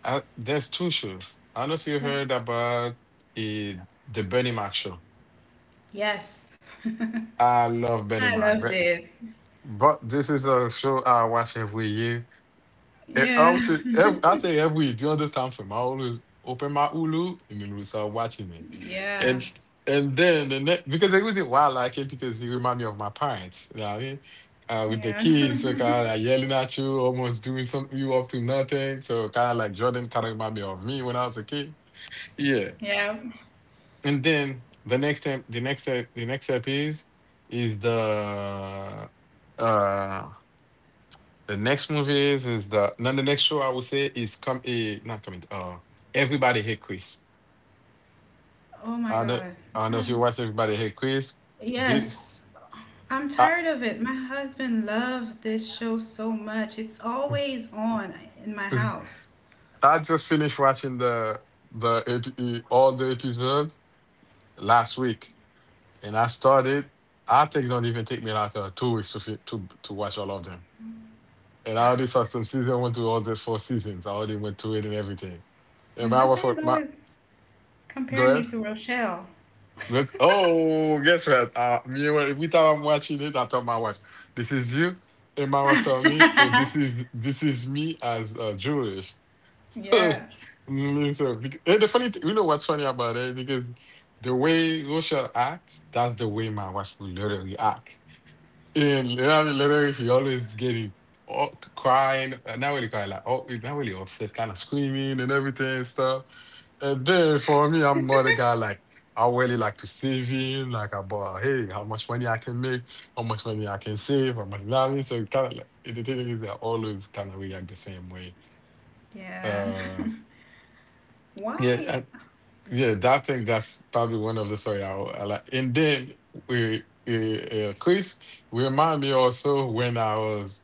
there's two shows. I don't know if you
But
heard about eh, the Bernie Mac show.
yes, *laughs*
I love
I
Bernie
loved
Mac,
it.
but this is a show I watch every year.
Yeah,
I say every week during this time frame, I always open my Hulu and then we start watching it,
yeah,
and then the next because the reason why I like it because it remind me of my parents. You know what I mean? With the
yeah,
kids, so
*laughs*
kind of like yelling at you, almost doing something you up to nothing. So kind of like Jordan kind of remind me of me when I was a kid. Yeah,
yeah.
and then the next time, the next step is is the uh the next movie is the no the next show I would say is come not coming Everybody Hate Chris.
Oh my
I know
God.
I don't know if you
*laughs*
watch Everybody Hate Chris. Did
Yes, I'm
I,
tired of it. My husband loved this show so much. It's always on in my house.
I just finished watching all the episodes last week and I started I think it don't even take me like 2 weeks to to watch all of them. And I already saw some season one to all the four seasons. I already went through it and everything. And
My
my wife,
husband is
my
always comparing
girl.
me to Rochelle.
But oh, guess what? Me when we thought I'm watching it, I told my wife, "This is you," and my wife told me,
*laughs*
"Oh, this is me as a Jewish." *laughs*
Yeah,
Mm, and the funny thing, you know what's funny about it? Because the way Rochelle acts, that's the way my wife will literally act. And literally, literally she always getting all crying, not really crying, like oh, not really upset, kind of screaming and everything and stuff. And then for me, I'm more the guy like I really like to save him. Like about hey, how much money I can make, how much money I can save, how much you know what I mean? So kind of like the thing is, they always kind of react the same way.
yeah.
Uh, yeah,
Why?
I, yeah. That thing that's probably one of the story I like. And then we, Chris, remind me also when I was,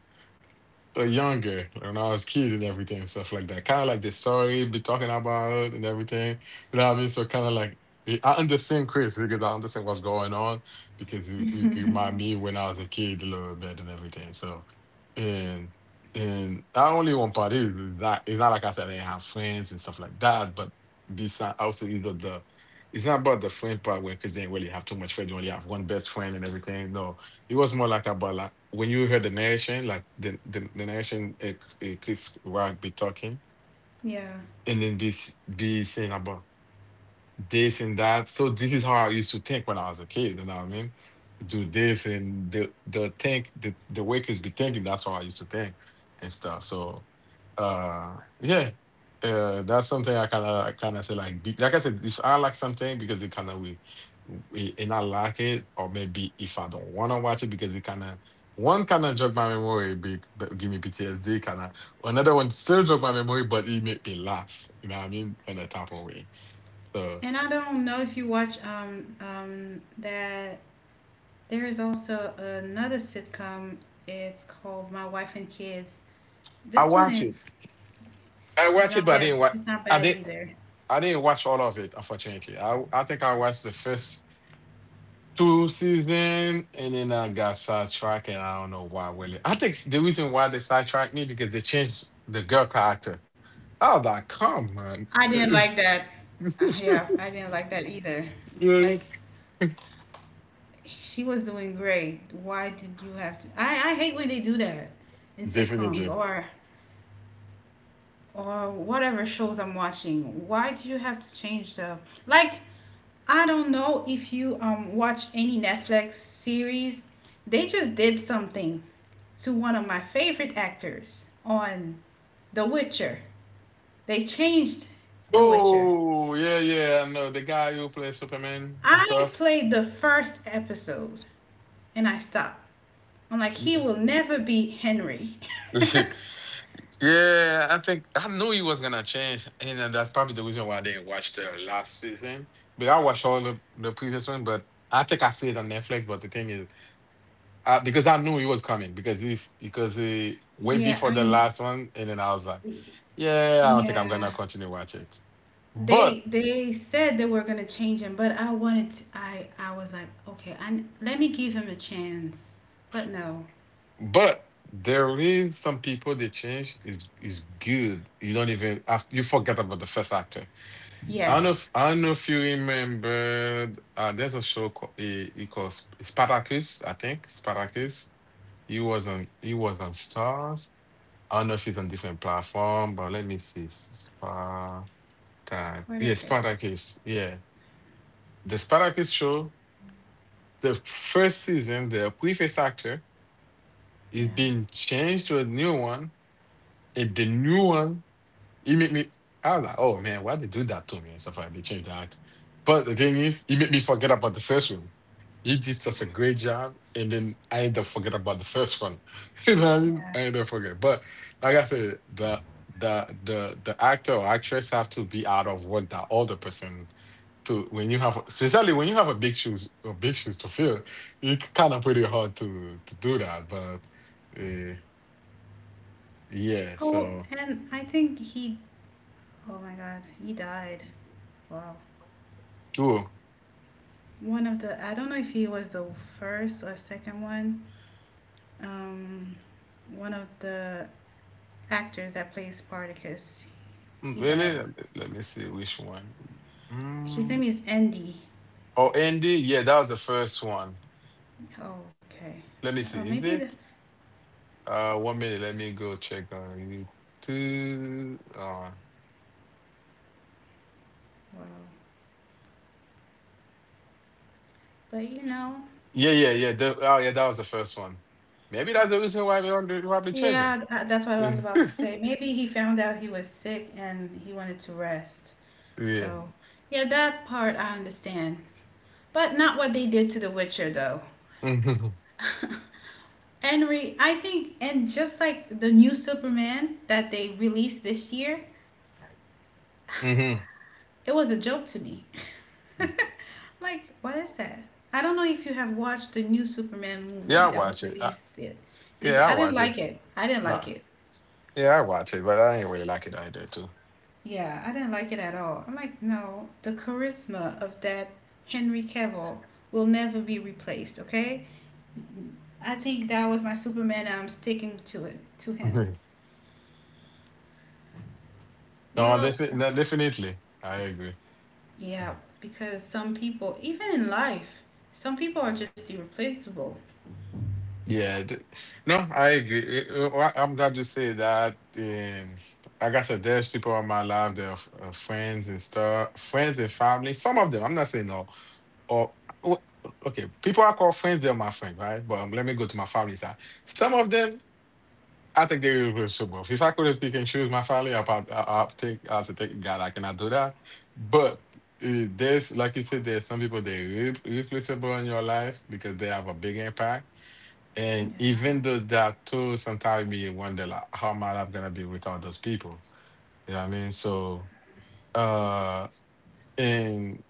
younger, when I was kid and everything and stuff like that. Kind of like the story be talking about and everything. You know what I mean? So kind of like, I understand Chris because I understand what's going on, because it remind
*laughs*
me when I was a kid a little bit and everything. So, and and not only one part is that it's not like I said I didn't have friends and stuff like that, but besides also either the it's not about the friend part where, because they didn't really have too much friends. You only have one best friend and everything. No, it was more like about, like when you hear the narration, like the narration, it could Rag be talking,
Yeah.
and then be saying about this and that. So this is how I used to think when I was a kid, you know what I mean? Do this, and the think the workers be thinking that's how I used to think and stuff. So, yeah. That's something I kinda say like be, like I said, if I like something because it kinda we and I like it, or maybe if I don't wanna watch it because it kinda one kinda jog my memory, big but give me PTSD kinda. Another one still jog my memory, but it make me laugh. You know what I mean? In a type of way. So.
And I don't know if you watch that there is also another sitcom. It's called My Wife and Kids.
I
This one
watch it.
is
I watch
is
it, but I
not
didn't
that,
watch.
it's not
I
bad
didn't.
either.
I didn't watch all of it, unfortunately. I think I watched the first two season, and then I got sidetracked, and I don't know why. Really, I think the reason why they sidetracked me because they changed the girl character. I was like, come on.
I
*laughs*
didn't like that. Yeah, I didn't like that either.
Really?
Like, she was doing great. Why did you have to? I hate when they do that in sitcoms
Definitely.
or whatever shows I'm watching. Why do you have to change the, like? I don't know if you watch any Netflix series. They just did something to one of my favorite actors on The Witcher. They changed The Witcher.
Oh, yeah, yeah. I know the guy who plays Superman and
I
stuff.
played the first episode and I stopped. I'm like, he will never be Henry. *laughs*
*laughs* Yeah, I think I knew he was gonna change, and that's probably the reason why I didn't watch the last season. But I watched all the previous one, but I think I see it on Netflix. But the thing is, because I knew he was coming, because he way
Yeah,
before the
I
last one, and then I was like, yeah, I don't think I'm
yeah.
gonna continue watch it.
They
But
they said they were gonna change him, but I was like, okay, I let me give him a chance. But no.
but there is some people they change is good. You don't even after you forget about the first actor.
Yes.
I don't know if you remember. There's a show called, he calls Spartacus. I think Spartacus. He was on. He was on Stars. I don't know if it's on different platform, but let me see. Spartacus. Yeah,
Spartacus.
Spartacus. Yeah, the Spartacus show. The first season, the previous actor is
Yeah.
being changed to a new one, and the new one it made me. I was like, oh man, why they do that to me and stuff like that. They changed that. But the thing is, it made me forget about the first one. He did such a great job, and then I end up forget about the first one. *laughs* You know what I mean?
Yeah.
I end up forget. But like I said, the actor or actress have to be out of what that older person to, when you have, especially when you have a big shoes or big shoes to fill, it's kind of pretty hard to do that. But uh, yeah,
Oh,
so
and I think he, oh my God, he died. Wow.
cool.
I don't know if he was the first or second one. Um, one of the actors that plays Spartacus,
Mm,
he
really?
died.
Let me see which one.
His name
Mm.
is Andy.
Oh, Andy. Yeah, that was the first one.
Oh, okay.
Let me
Oh,
see. Is
maybe the,
it? One minute. Let me go check on you. Two.
wow. But
Yeah, yeah, yeah. Oh, yeah. That was the first one. Maybe
oh.
that's the reason why we don't do- why we change him.
Yeah, that's what I was
*laughs*
about to say. Maybe he found out he was sick and he wanted to rest.
Yeah.
So, yeah, that part I understand. But not what they did to The Witcher, though.
Hmm.
*laughs* Henry, I think, and just like the new Superman that they released this year,
Hmm.
*laughs* it was a joke to me. *laughs* Like, what is that? I don't know if you have watched the new Superman
Yeah, I
movie that was
watch it.
released, this year.
Yeah, I
I didn't
watch it.
like it. I didn't
Nah.
like it.
Yeah, I watch it, but I ain't really like it either, too.
Yeah, I didn't like it at all. I'm like, no, the charisma of that Henry Cavill will never be replaced, okay? I think that was my Superman, and I'm sticking to it to him.
*laughs*
Well,
No, definitely. I agree. Mm.
yeah, because some people, even in life, some people are just irreplaceable.
Yeah, no, I agree. Well, I'm glad you say that. Like I said, there's people in my life, they're friends and stuff, friends and family. Some of them, I'm not saying no. Or w- okay, people I call friends, they're my friend, right? But let me go to my family side. Some of them, I think they're irreplaceable. If I could pick and choose my family, I probably, I'll take, I'll say, take God, I cannot do that. But there's, like you said, there's some people they're irreplaceable in your life because they have a big impact. And
Yeah,
even though that too, sometimes we wonder, like how am I gonna be without those people? You know what I mean? So, uh and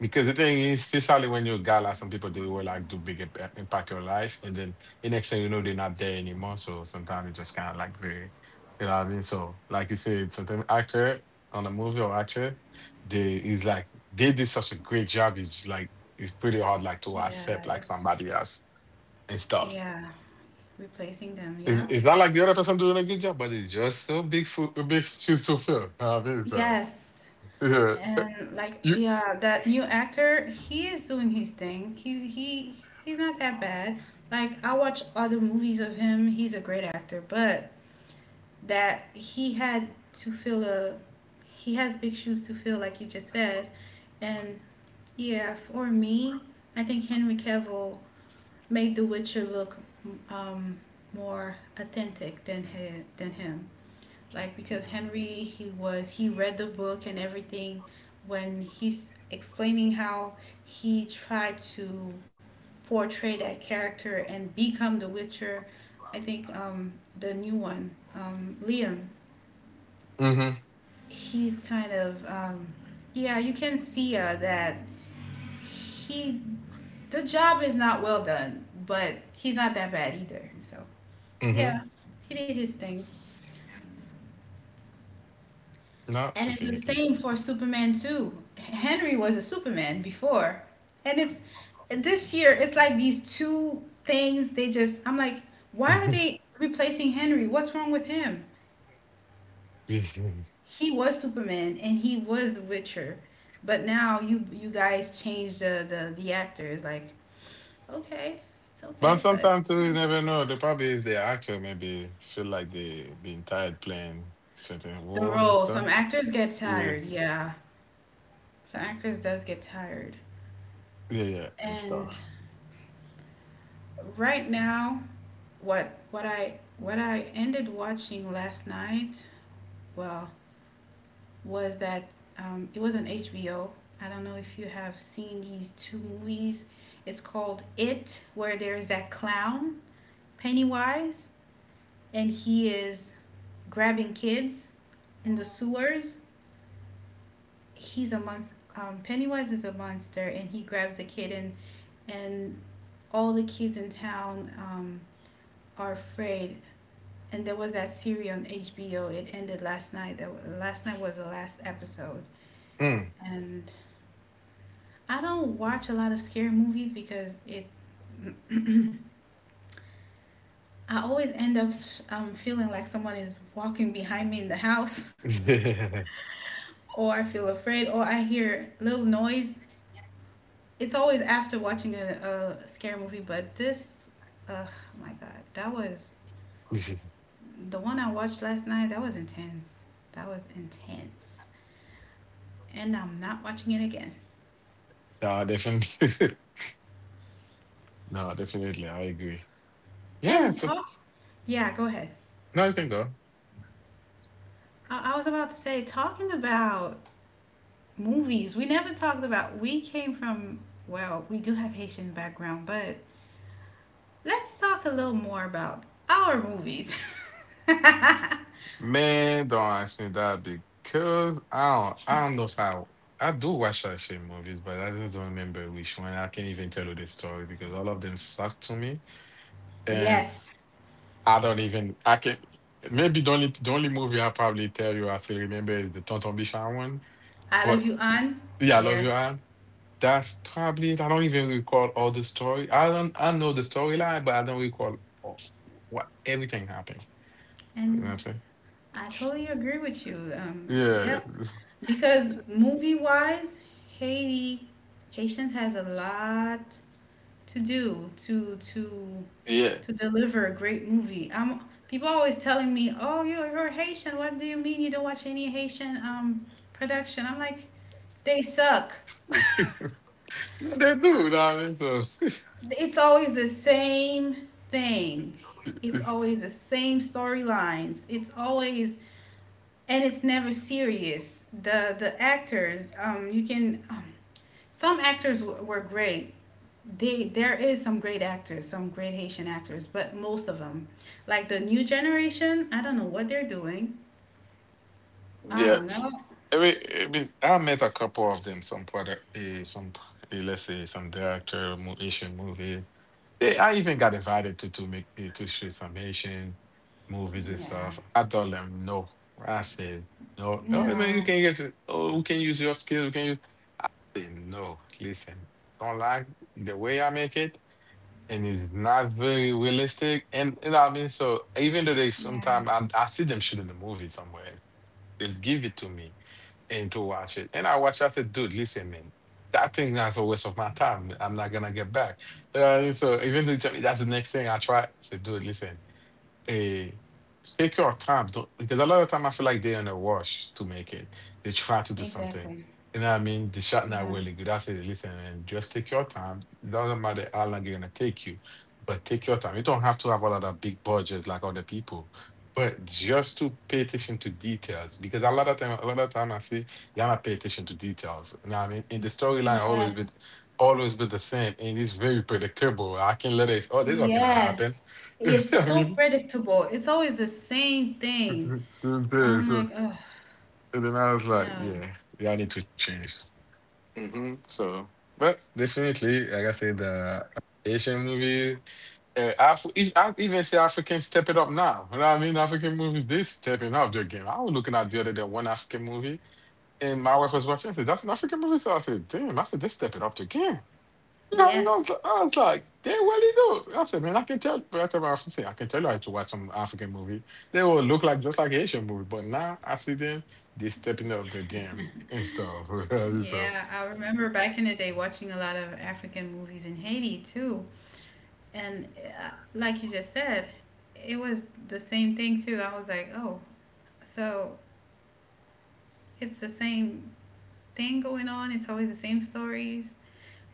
because the thing is, especially when you're a guy, like some people they will like do impact your life, and then the next thing you know they're not there anymore. So sometimes it's just kinda like very, you know what I mean? So like you said, sometimes actor on a movie or actor, they is like they did such a great job. It's like it's pretty hard, like, to
yeah,
accept like
it's
somebody else and stuff.
yeah, replacing them. Yeah,
It's not like the other person doing a good job, but it's just so big, big shoes to fill. *laughs* I mean,
yes,
yeah.
and like
You,
yeah, that new actor, he is doing his thing. He's not that bad. Like I watch other movies of him. He's a great actor, but that he had to fill a he has big shoes to fill like you just said and yeah for me I think Henry Cavill made the Witcher look um, more authentic than than him like because Henry he read the book and everything when he's explaining how he tried to portray that character and become the Witcher. I think the new one, Liam,
mm-hmm.
he's kind of, yeah, you can see that he the job is not well done, but he's not that bad either. So yeah,
Mm-hmm.
he did his thing.
No,
And it's the
definitely.
same for Superman too. Henry was a Superman before, and it's this year. It's like these two things, they just, I'm like, why are
*laughs*
they replacing Henry? What's wrong with him?
Yes, yes.
He was Superman and he was the Witcher, but now you guys changed the actors. Like okay, it's
But
okay, but
sometimes too, you never know. The problem is the actor maybe feel like they been tired playing certain
the
role and
role. Some
stuff.
actors get
Yeah.
tired. Yeah, some actors does get tired.
Yeah, yeah, and
And
stuff.
right now, what I ended watching last night, well, was that, it was on HBO. I don't know if you have seen these two movies. It's called It, where there's that clown Pennywise, and he is grabbing kids in the sewers. He's a monster. Pennywise is a monster, and he grabs the kid, and and all the kids in town are afraid. And there was that series on HBO. It ended last night. Last night was the last episode.
Mm.
And I don't watch a lot of scary movies because it. *clears throat* I always end up feeling like someone is walking behind me in the house.
*laughs*
*laughs*
Yeah.
Or I feel afraid, or I hear little noise. It's always after watching a scary movie, but this, oh my god, that was
*laughs*
the one I watched last night. That was intense. That was intense, and I'm not watching it again.
No, definitely. *laughs* No, definitely. I agree. Yeah,
And
so
talk, yeah, go ahead.
now you can go.
I was about to say, talking about movies, we never talked about. We came from, well, we do have Haitian background, but let's talk a little more about our movies. *laughs*
Man, don't ask me that because I don't know if I do watch action movies, but I just don't remember which one. I can't even tell you the story because all of them suck to me. And
Yes.
I don't even I can maybe the only movie I probably tell you I still remember is the Tonton Bichon one.
I love
But
you, Anne.
yeah, I love you.
Yes.
That's probably it. I don't even recall all the story. I don't I know the storyline, but I don't recall all, what everything happened. You know what
And
I'm saying?
I totally agree with you.
Yeah.
Yep.
*laughs*
Because movie wise, Haiti Haitians has a lot to do
Yeah.
to deliver a great movie. People always telling me, oh, you're Haitian, what do you mean you don't watch any Haitian production? I'm like, they suck. *laughs*
*laughs* They do, you know what I mean, so
It's always the same thing. It's always the same storylines. It's always and it's never serious. The actors, you can, were great. They There is some great actors, some great Haitian actors, but most of them, like the new generation, I don't know what they're doing. I
yeah.
don't know.
I mean, I met a couple of them. Some product, some let's say some director, Asian movie. I even got invited to make to shoot some Asian movies and
Yeah.
stuff. I told them no. I said no. Oh, I mean, you
No.
can get. Oh, we can use your skills. We can use. No, listen. I don't like the way I make it, and it's not very realistic. And you know, what I mean, so even though they
Yeah.
sometimes I see them shooting the movie somewhere. Just give it to me and to watch it. And I watched. I said, dude, listen, man, that thing that's a waste of my time. I'm not gonna get back. You know what I mean? So even though Johnny, that's the next thing I try. I said, dude, listen. eh." Take your time, don't, because a lot of time I feel like they're in a rush to make it. They try to do something.
Exactly.
You know what I mean? The shot
Yeah.
not really good. I say, listen, and just take your time. It doesn't matter how long you're gonna take you, but take your time. You don't have to have a lot of big budgets like other people. But just to pay attention to details, because a lot of time I see y'all not pay attention to details. You know what I mean? In the storyline,
Yes.
always been the same, and it's very predictable. I can let it. Oh, this was gonna happen.
Yes.
*laughs* You know
It's
what I
so
mean?
predictable. It's always the same thing.
*laughs* Same thing.
I'm
So,
like, oh
and then I was like,
no.
yeah, I need to change. Hmm. So, but definitely, like I said, the Asian movie, if I even say African step it up now. You know what I mean? African movies, they stepping up their game. I was looking at the other day one African movie, and my wife was watching. I said, that's an African movie. So I said, damn, I said, they stepping up their game. Yeah,
Yes.
I was like, they well he knows. I said, man, I can tell. But I tell my officer, I can tell you how to watch some African movie. They will look like just like Asian movie, but now I see them, they stepping up the game
*laughs*
and stuff. *laughs* So,
Yeah, I remember back in the day watching a lot of African movies in Haiti too. And like you just said, it was the same thing too. I was like, oh, so it's the same thing going on. It's always the same stories.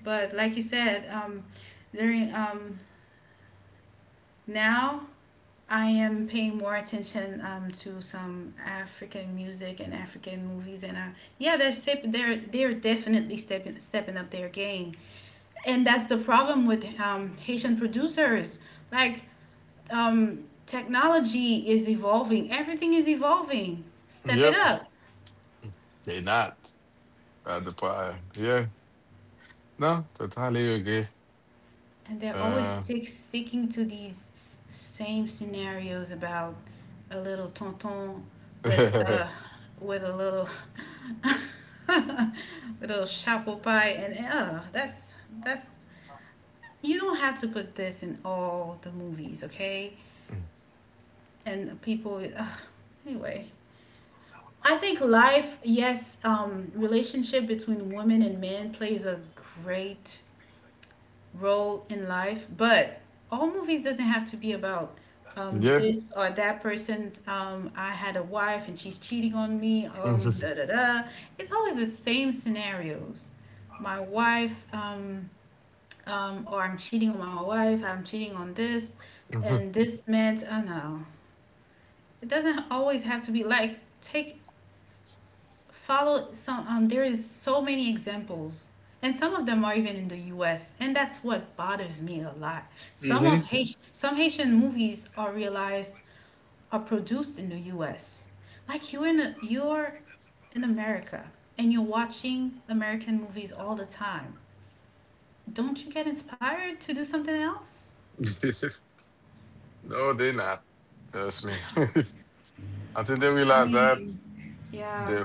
But like you said, during now I am paying more attention, to some African music and African movies. And yeah, they're they're definitely stepping up their game, and that's the problem with, Haitian producers. Like, technology is evolving, everything is evolving. Step it
yep,
up,
they not at the part. Yeah, no, totally agree.
and they're always
Uh,
sticking to these same scenarios about a little tonton with uh
*laughs*
with a little *laughs* with a little chapeau pie, and that's you don't have to put this in all the movies, okay? And people, anyway. I think life, yes, relationship between women and men plays a great role in life, but all movies doesn't have to be about,
yeah, *laughs*
this or that person. I had a wife and she's cheating on me. Da da da. It's always the same scenarios. My wife, or I'm cheating on my wife. I'm cheating on this, and this meant. Oh no, it doesn't always have to be like take follow some there is so many examples, and some of them are even in the US, and that's what bothers me a lot. Some of
hmm *laughs*
Haitian, some Haitian movies are realized, are produced in the US. Like you're in you're in America and you're watching American movies all the time, don't you get inspired to do something else?
no, they not. Trust me. *laughs* I think they
I
realize that.
mean, yeah.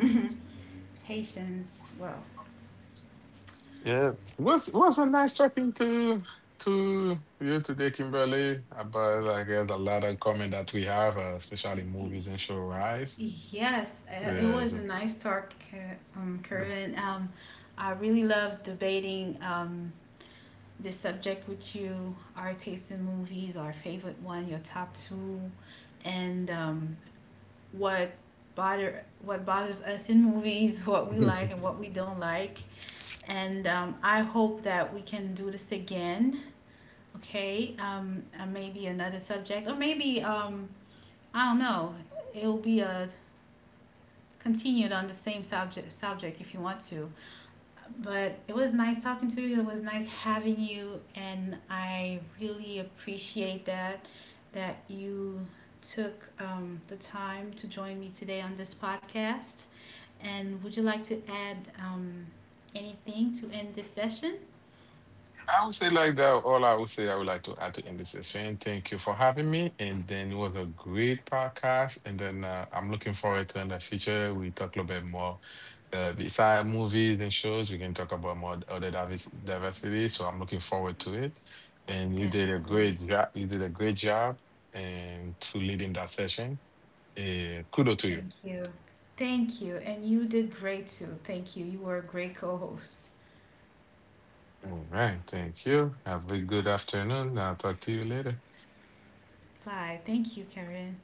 *laughs* Haitians, well,
Yeah, it was a nice talking to you today, Kimberly, about I guess a lot of comment that we have, especially movies and show rise.
yes, it
Yes.
was a nice talk, Karen. I really love debating, this subject with you, our taste in movies, our favorite one, your top two, and, what what bothers us in movies, *laughs* what we like
*laughs*
and what we don't like. And, I hope that we can do this again. Okay, maybe another subject, or maybe, I don't know. It'll be a continued on the same subject if you want to. But it was nice talking to you. It was nice having you, and I really appreciate that you took, the time to join me today on this podcast. And would you like to add, anything to end this session?
I would say like that. All I would say, I would like to add to end this session. Thank you for having me. And then it was a great podcast. And then, I'm looking forward to in the future we talk a little bit more. Beside movies and shows, we can talk about more other diversity. So I'm looking forward to it. And you did a
Definitely.
great job. You did a great job, and to leading that session. Kudo to you.
Thank you. Thank you. And you did great too. Thank you. You were a great co host.
All right. Thank you. Have a good afternoon. I'll talk to you later.
Bye. Thank you, Karen.